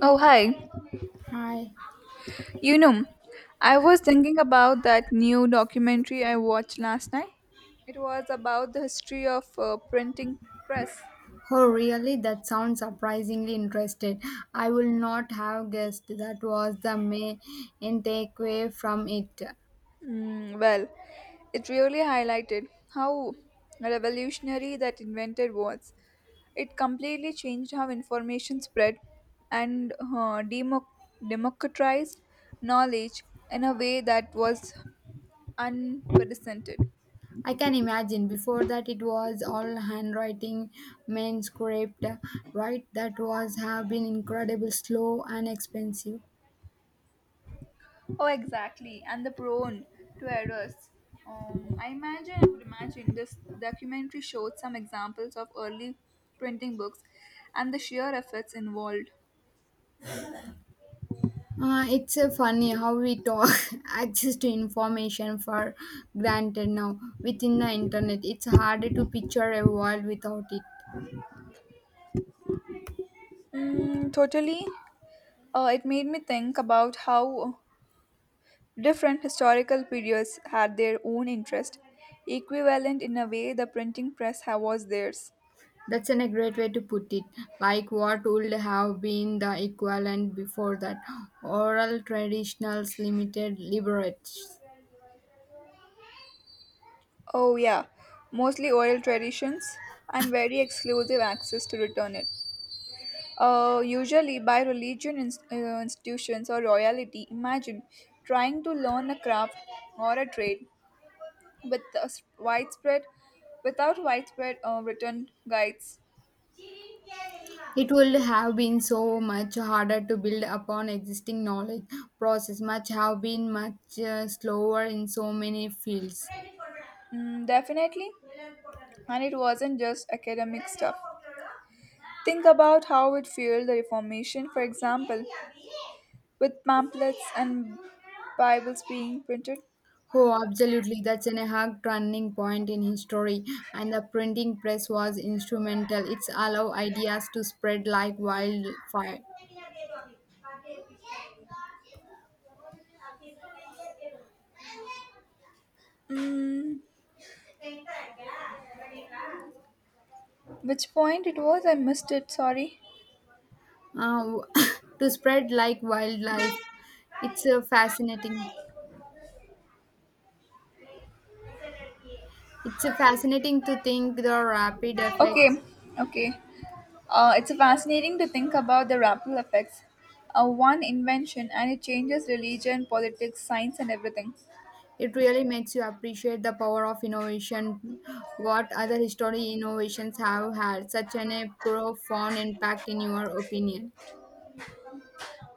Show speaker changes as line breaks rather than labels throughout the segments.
Oh, hi.
Hi.
You know, I was thinking about that new documentary I watched last night. It was about the history of printing press.
Oh, really? That sounds surprisingly interested. I will not have guessed that was the main takeaway from it.
Mm, well, it really highlighted how revolutionary that invented was. It completely changed how information spread and democratized knowledge in a way that was unprecedented.
I can imagine. Before that, it was all handwriting, main script, right? That was have been incredible, slow and expensive.
Oh, exactly, and the prone to errors. I would imagine this documentary showed some examples of early printing books and the sheer efforts involved.
It's funny how we talk access to information for granted now. Within the internet, it's harder to picture a world without it.
Mm, totally. It made me think about how different historical periods had their own interest, equivalent in a way the printing was theirs.
That's an a great way to put it. Like what would have been the equivalent before that? Oral traditionals limited liberates.
Oh, yeah, mostly oral traditions and very exclusive access to return it. Usually by institutions or royalty. Imagine trying to learn a craft or a trade with a without widespread written guides.
It would have been so much harder to build upon existing knowledge. Process much have been much slower in so many fields.
Mm, definitely, and it wasn't just academic stuff. Think about how it fueled the Reformation, for example, with pamphlets and Bibles being printed.
Oh, absolutely. That's an a hard turning point in history, and the printing press was instrumental. It's allow ideas to spread like wildfire.
Mm, which point it was? I missed it. Sorry.
uh, to spread like wildlife. It's a fascinating. It's a fascinating to think the rapid
Okay,
effects.
okay. It's fascinating to think about the ripple effects. One invention and it changes religion, politics, science, and everything.
It really makes you appreciate the power of innovation. What other history innovations have had such an a profound impact in your opinion?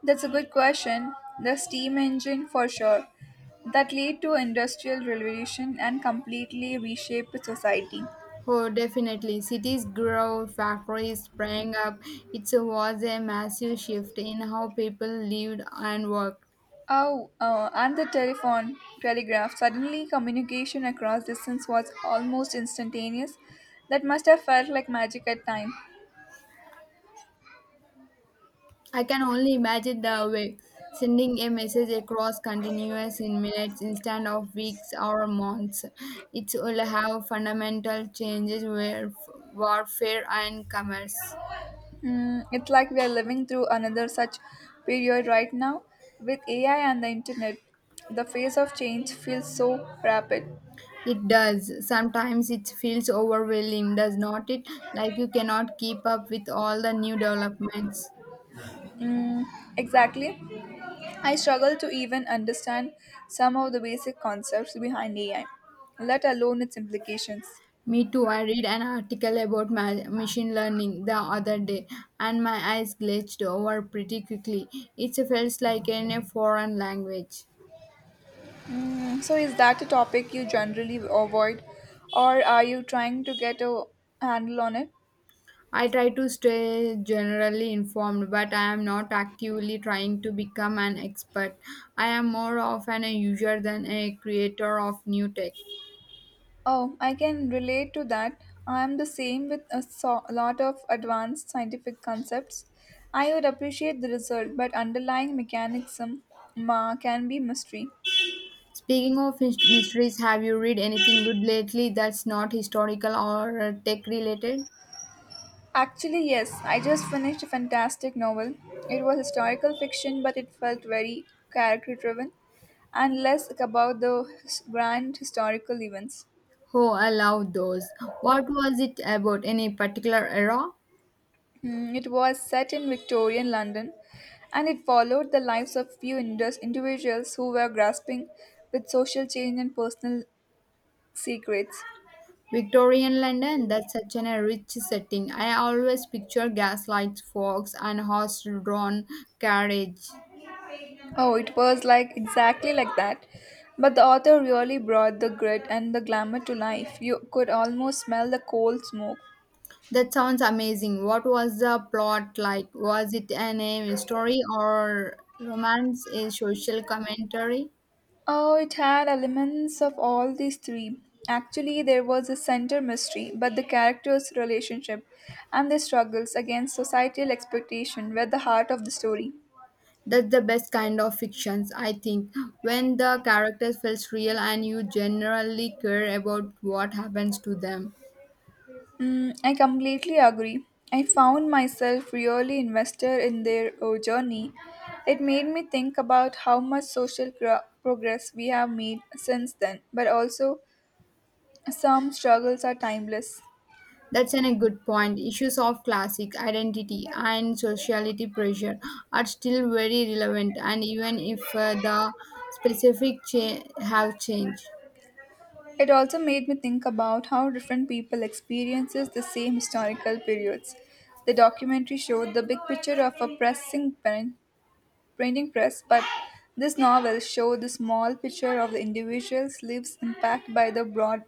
That's a good question. The steam engine, for sure, that led to industrial revolution and completely reshaped society.
Oh, definitely. Cities grow, factories sprang up. It was a massive shift in how people lived and worked.
Oh, and the telephone, telegraph. Suddenly, communication across distance was almost instantaneous. That must have felt like magic at time.
I can only imagine the way sending a message across continuous in minutes instead of weeks or months. It will have fundamental changes where warfare and commerce.
Mm, it's like we are living through another such period right now. With AI and the internet, the pace of change feels so rapid.
It does. Sometimes it feels overwhelming, does not it? Like you cannot keep up with all the new developments.
Mm, exactly. I struggle to even understand some of the basic concepts behind AI, let alone its implications.
Me too. I read an article about machine learning the other day, and my eyes glitched over pretty quickly. It feels like in a foreign language.
Mm, so is that a topic you generally avoid or are you trying to get a handle on it?
I try to stay generally informed, but I am not actively trying to become an expert. I am more of an user than a creator of new tech.
Oh, I can relate to that. I am the same with a lot of advanced scientific concepts. I would appreciate the result, but underlying mechanism can be mystery.
Speaking of mysteries, have you read anything good lately that's not historical or tech related?
Actually, yes, I just finished a fantastic novel. It was historical fiction, but it felt very character driven and less about the grand historical events.
Oh, I love those. What was it about? Any particular era?
Mm, it was set in Victorian London and it followed the lives of few individuals who were grasping with social change and personal secrets.
Victorian London, that's such an, a rich setting. I always picture gaslights, fogs, and horse drawn carriage.
Oh, it was like exactly like that. But the author really brought the grit and the glamour to life. You could almost smell the coal smoke.
That sounds amazing. What was the plot like? Was it an a story or romance, a social commentary?
Oh, it had elements of all these three. Actually, there was a center mystery, but the characters' relationship and their struggles against societal expectation were the heart of the story.
That's the best kind of fictions, I think. When the characters feels real and you generally care about what happens to them.
Mm, I completely agree. I found myself really invested in their journey. It made me think about how much social progress we have made since then, but also some struggles are timeless.
That's an, a good point. Issues of classic identity and sociality pressure are still very relevant, and even if the have changed.
It also made me think about how different people experiences the same historical periods. The documentary showed the big picture of a printing press, but this novel showed the small picture of the individual's lives impacted by the broad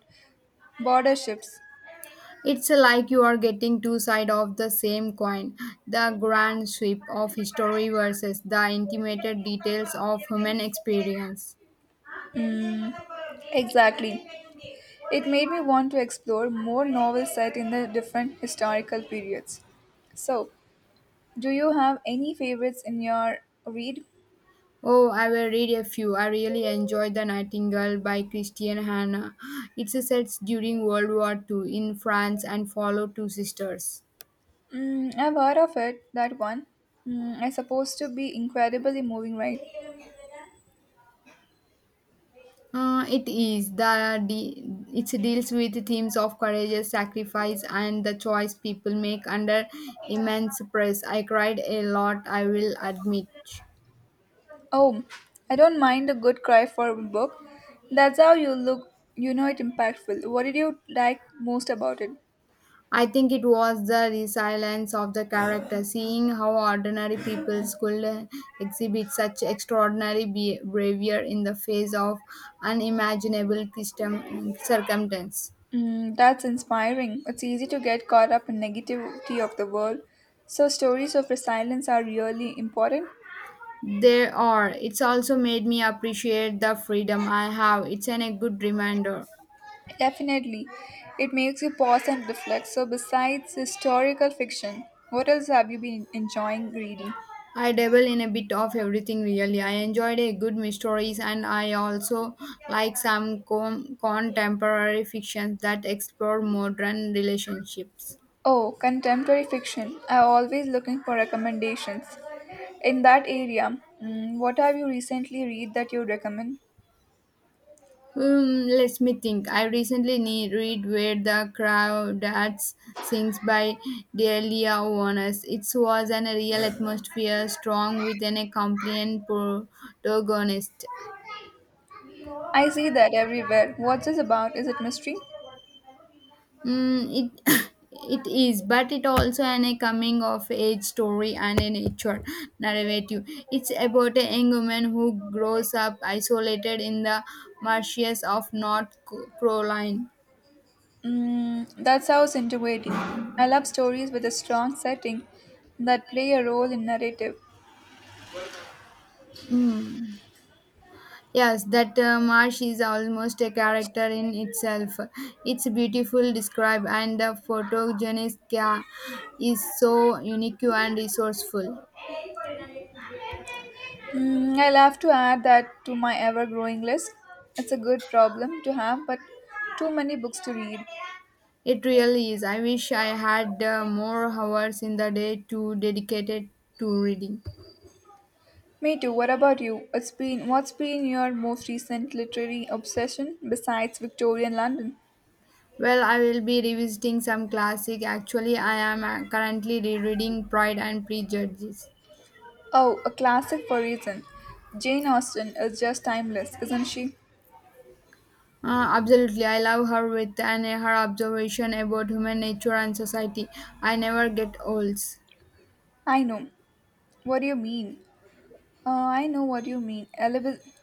border shifts.
It's like you are getting two sides of the same coin the grand sweep of history versus the intimate details of human experience.
Mm, exactly. It made me want to explore more novels set in the different historical periods. So, do you have any favorites in your read?
Oh, I will read a few. I really enjoyed The Nightingale by Christian Hannah. It's set during World War II in France and follows two sisters.
Mm, I've heard of it, that one. Mm, it's supposed to be incredibly moving, right?
It is it deals with the themes of courage, sacrifice, and the choice people make under immense press. I cried a lot, I will admit.
Oh, I don't mind a good cry for a book. That's how you look, you know it impactful. What did you like most about it?
I think it was the resilience of the character, seeing how ordinary people could exhibit such extraordinary behavior in the face of unimaginable circumstance.
Mm, that's inspiring. It's easy to get caught up in negativity of the world. So stories of resilience are really important.
There are. It's also made me appreciate the freedom I have. It's an, a good reminder.
Definitely. It makes you pause and reflect. So besides historical fiction, what else have you been enjoying reading?
I dabble in a bit of everything really. I enjoyed a good mysteries and I also like some contemporary fictions that explore modern relationships.
Oh, contemporary fiction. I'm always looking for recommendations. In that area, mm, what have you recently read that you recommend?
Let me think. I recently need read Where the Crowd Dance Sings by Delia Warnes. It was an a real atmosphere strong with an a compliant protagonist.
I see that everywhere. What's this about? Is it mystery?
Mm, it it is, but it also an a coming of age story and a nature narrative. It's about a young woman who grows up isolated in the marshes of Carolina.
Mm, that sounds intriguing. I love stories with a strong setting that play a role in narrative.
Mm. Yes, that marsh is almost a character in itself. It's beautiful described, and the photogenic is so unique and resourceful.
Mm, I'll have to add that to my ever growing list. It's a good problem to have, but too many books to read.
It really is. I wish I had more hours in the day to dedicated to reading.
Me too. What about you? It's been What's been your most recent literary obsession besides Victorian London?
Well, I will be revisiting some classic. Actually, I am currently rereading Pride and Prejudice.
Oh, a classic for reason. Jane Austen is just timeless, isn't she?
Absolutely, I love her with and her observation about human nature and society. I never get old.
I know. What do you mean? I know what you mean.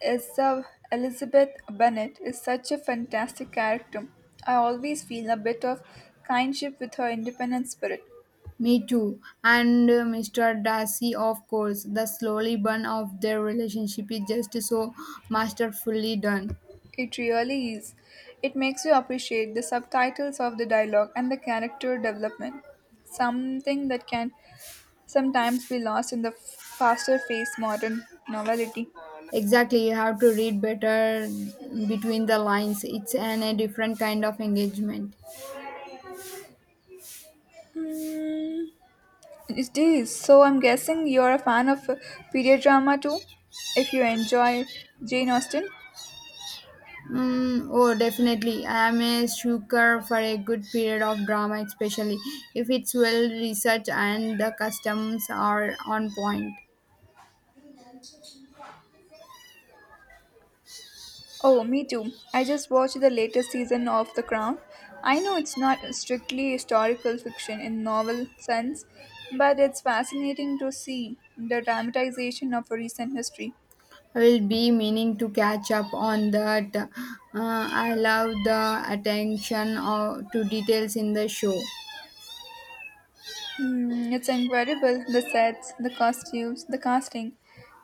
is, uh, Elizabeth Bennet is such a fantastic character. I always feel a bit of kinship with her independent spirit.
Me too. And Mr. Darcy, of course, the slowly burn of their relationship is just so masterfully done.
It really is. It makes you appreciate the subtitles of the dialogue and the character development, something that can sometimes be lost in the faster paced modern novelty.
Exactly, you have to read better between the lines. It's an, a different kind of engagement.
Hmm, it is. So I'm guessing you're a fan of period drama too, if you enjoy Jane Austen.
Mm, oh, definitely. I am a sucker for a good period of drama, especially if it's well researched and the customs are on point.
Oh, me too. I just watched the latest season of The Crown. I know it's not strictly historical fiction in novel sense, but it's fascinating to see the dramatization of recent history.
I will be meaning to catch up on that. I love the attention to details in the show.
Hmm, it's incredible the sets, the costumes, the casting.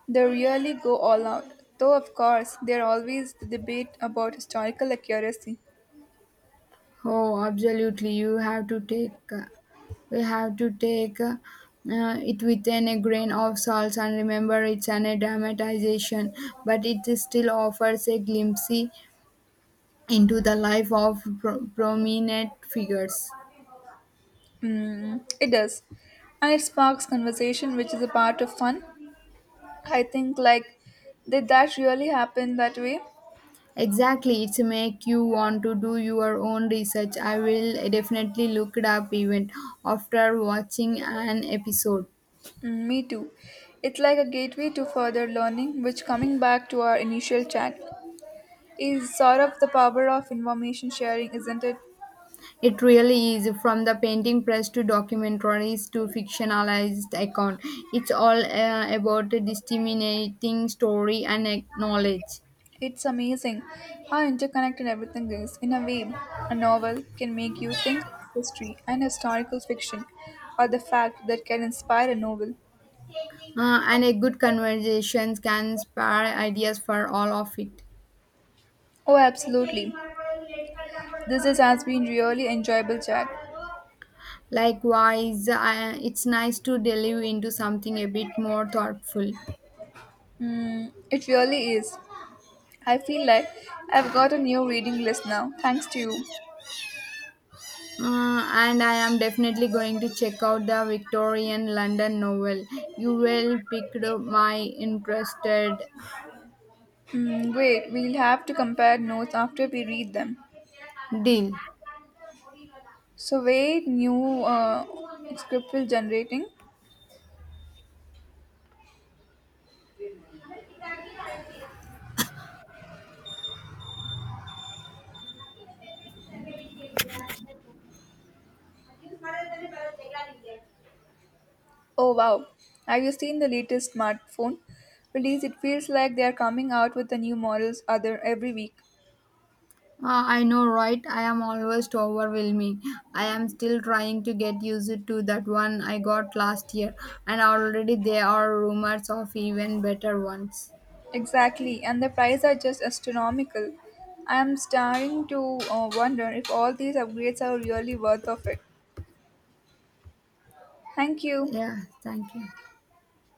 They really go all out. Though, of course, there always the debate about historical accuracy.
Oh, absolutely. You have to we have to take it within a grain of salt and remember it's an a dramatization, but it still offers a glimpse into the life of prominent figures.
Hmm, it does. And it sparks conversation, which is a part of fun. I think like did that really happen that way?
Exactly, it's make you want to do your own research. I will definitely look it up even after watching an episode.
Mm, me too. It's like a gateway to further learning, which coming back to our initial chat is sort of the power of information sharing, isn't it?
It really is, from the painting press to documentaries to fictionalized account. It's all about a disseminating story and knowledge.
It's amazing how interconnected everything is. In a way, a novel can make you think of history and historical fiction, or the fact that can inspire a novel.
And a good conversation can spare ideas for all of it.
Oh, absolutely. Has been really enjoyable chat.
Likewise, it's nice to delve into something a bit more thoughtful.
Mm, it really is. I feel like I've got a new reading list now, thanks to you.
And I am definitely going to check out the Victorian London novel. You will pick my interested
Hmm, wait, we'll have to compare notes after we read them.
deal.
So, wait, new script will generating. Oh wow, have you seen the latest smartphone release? It feels like they are coming out with the new models other every week.
I know, right? I am always overwhelming. I am still trying to get used to that one I got last year, and already there are rumors of even better ones.
Exactly, and the prices are just astronomical. I am starting to wonder if all these upgrades are really worth of it. Thank you.
Yeah, thank you.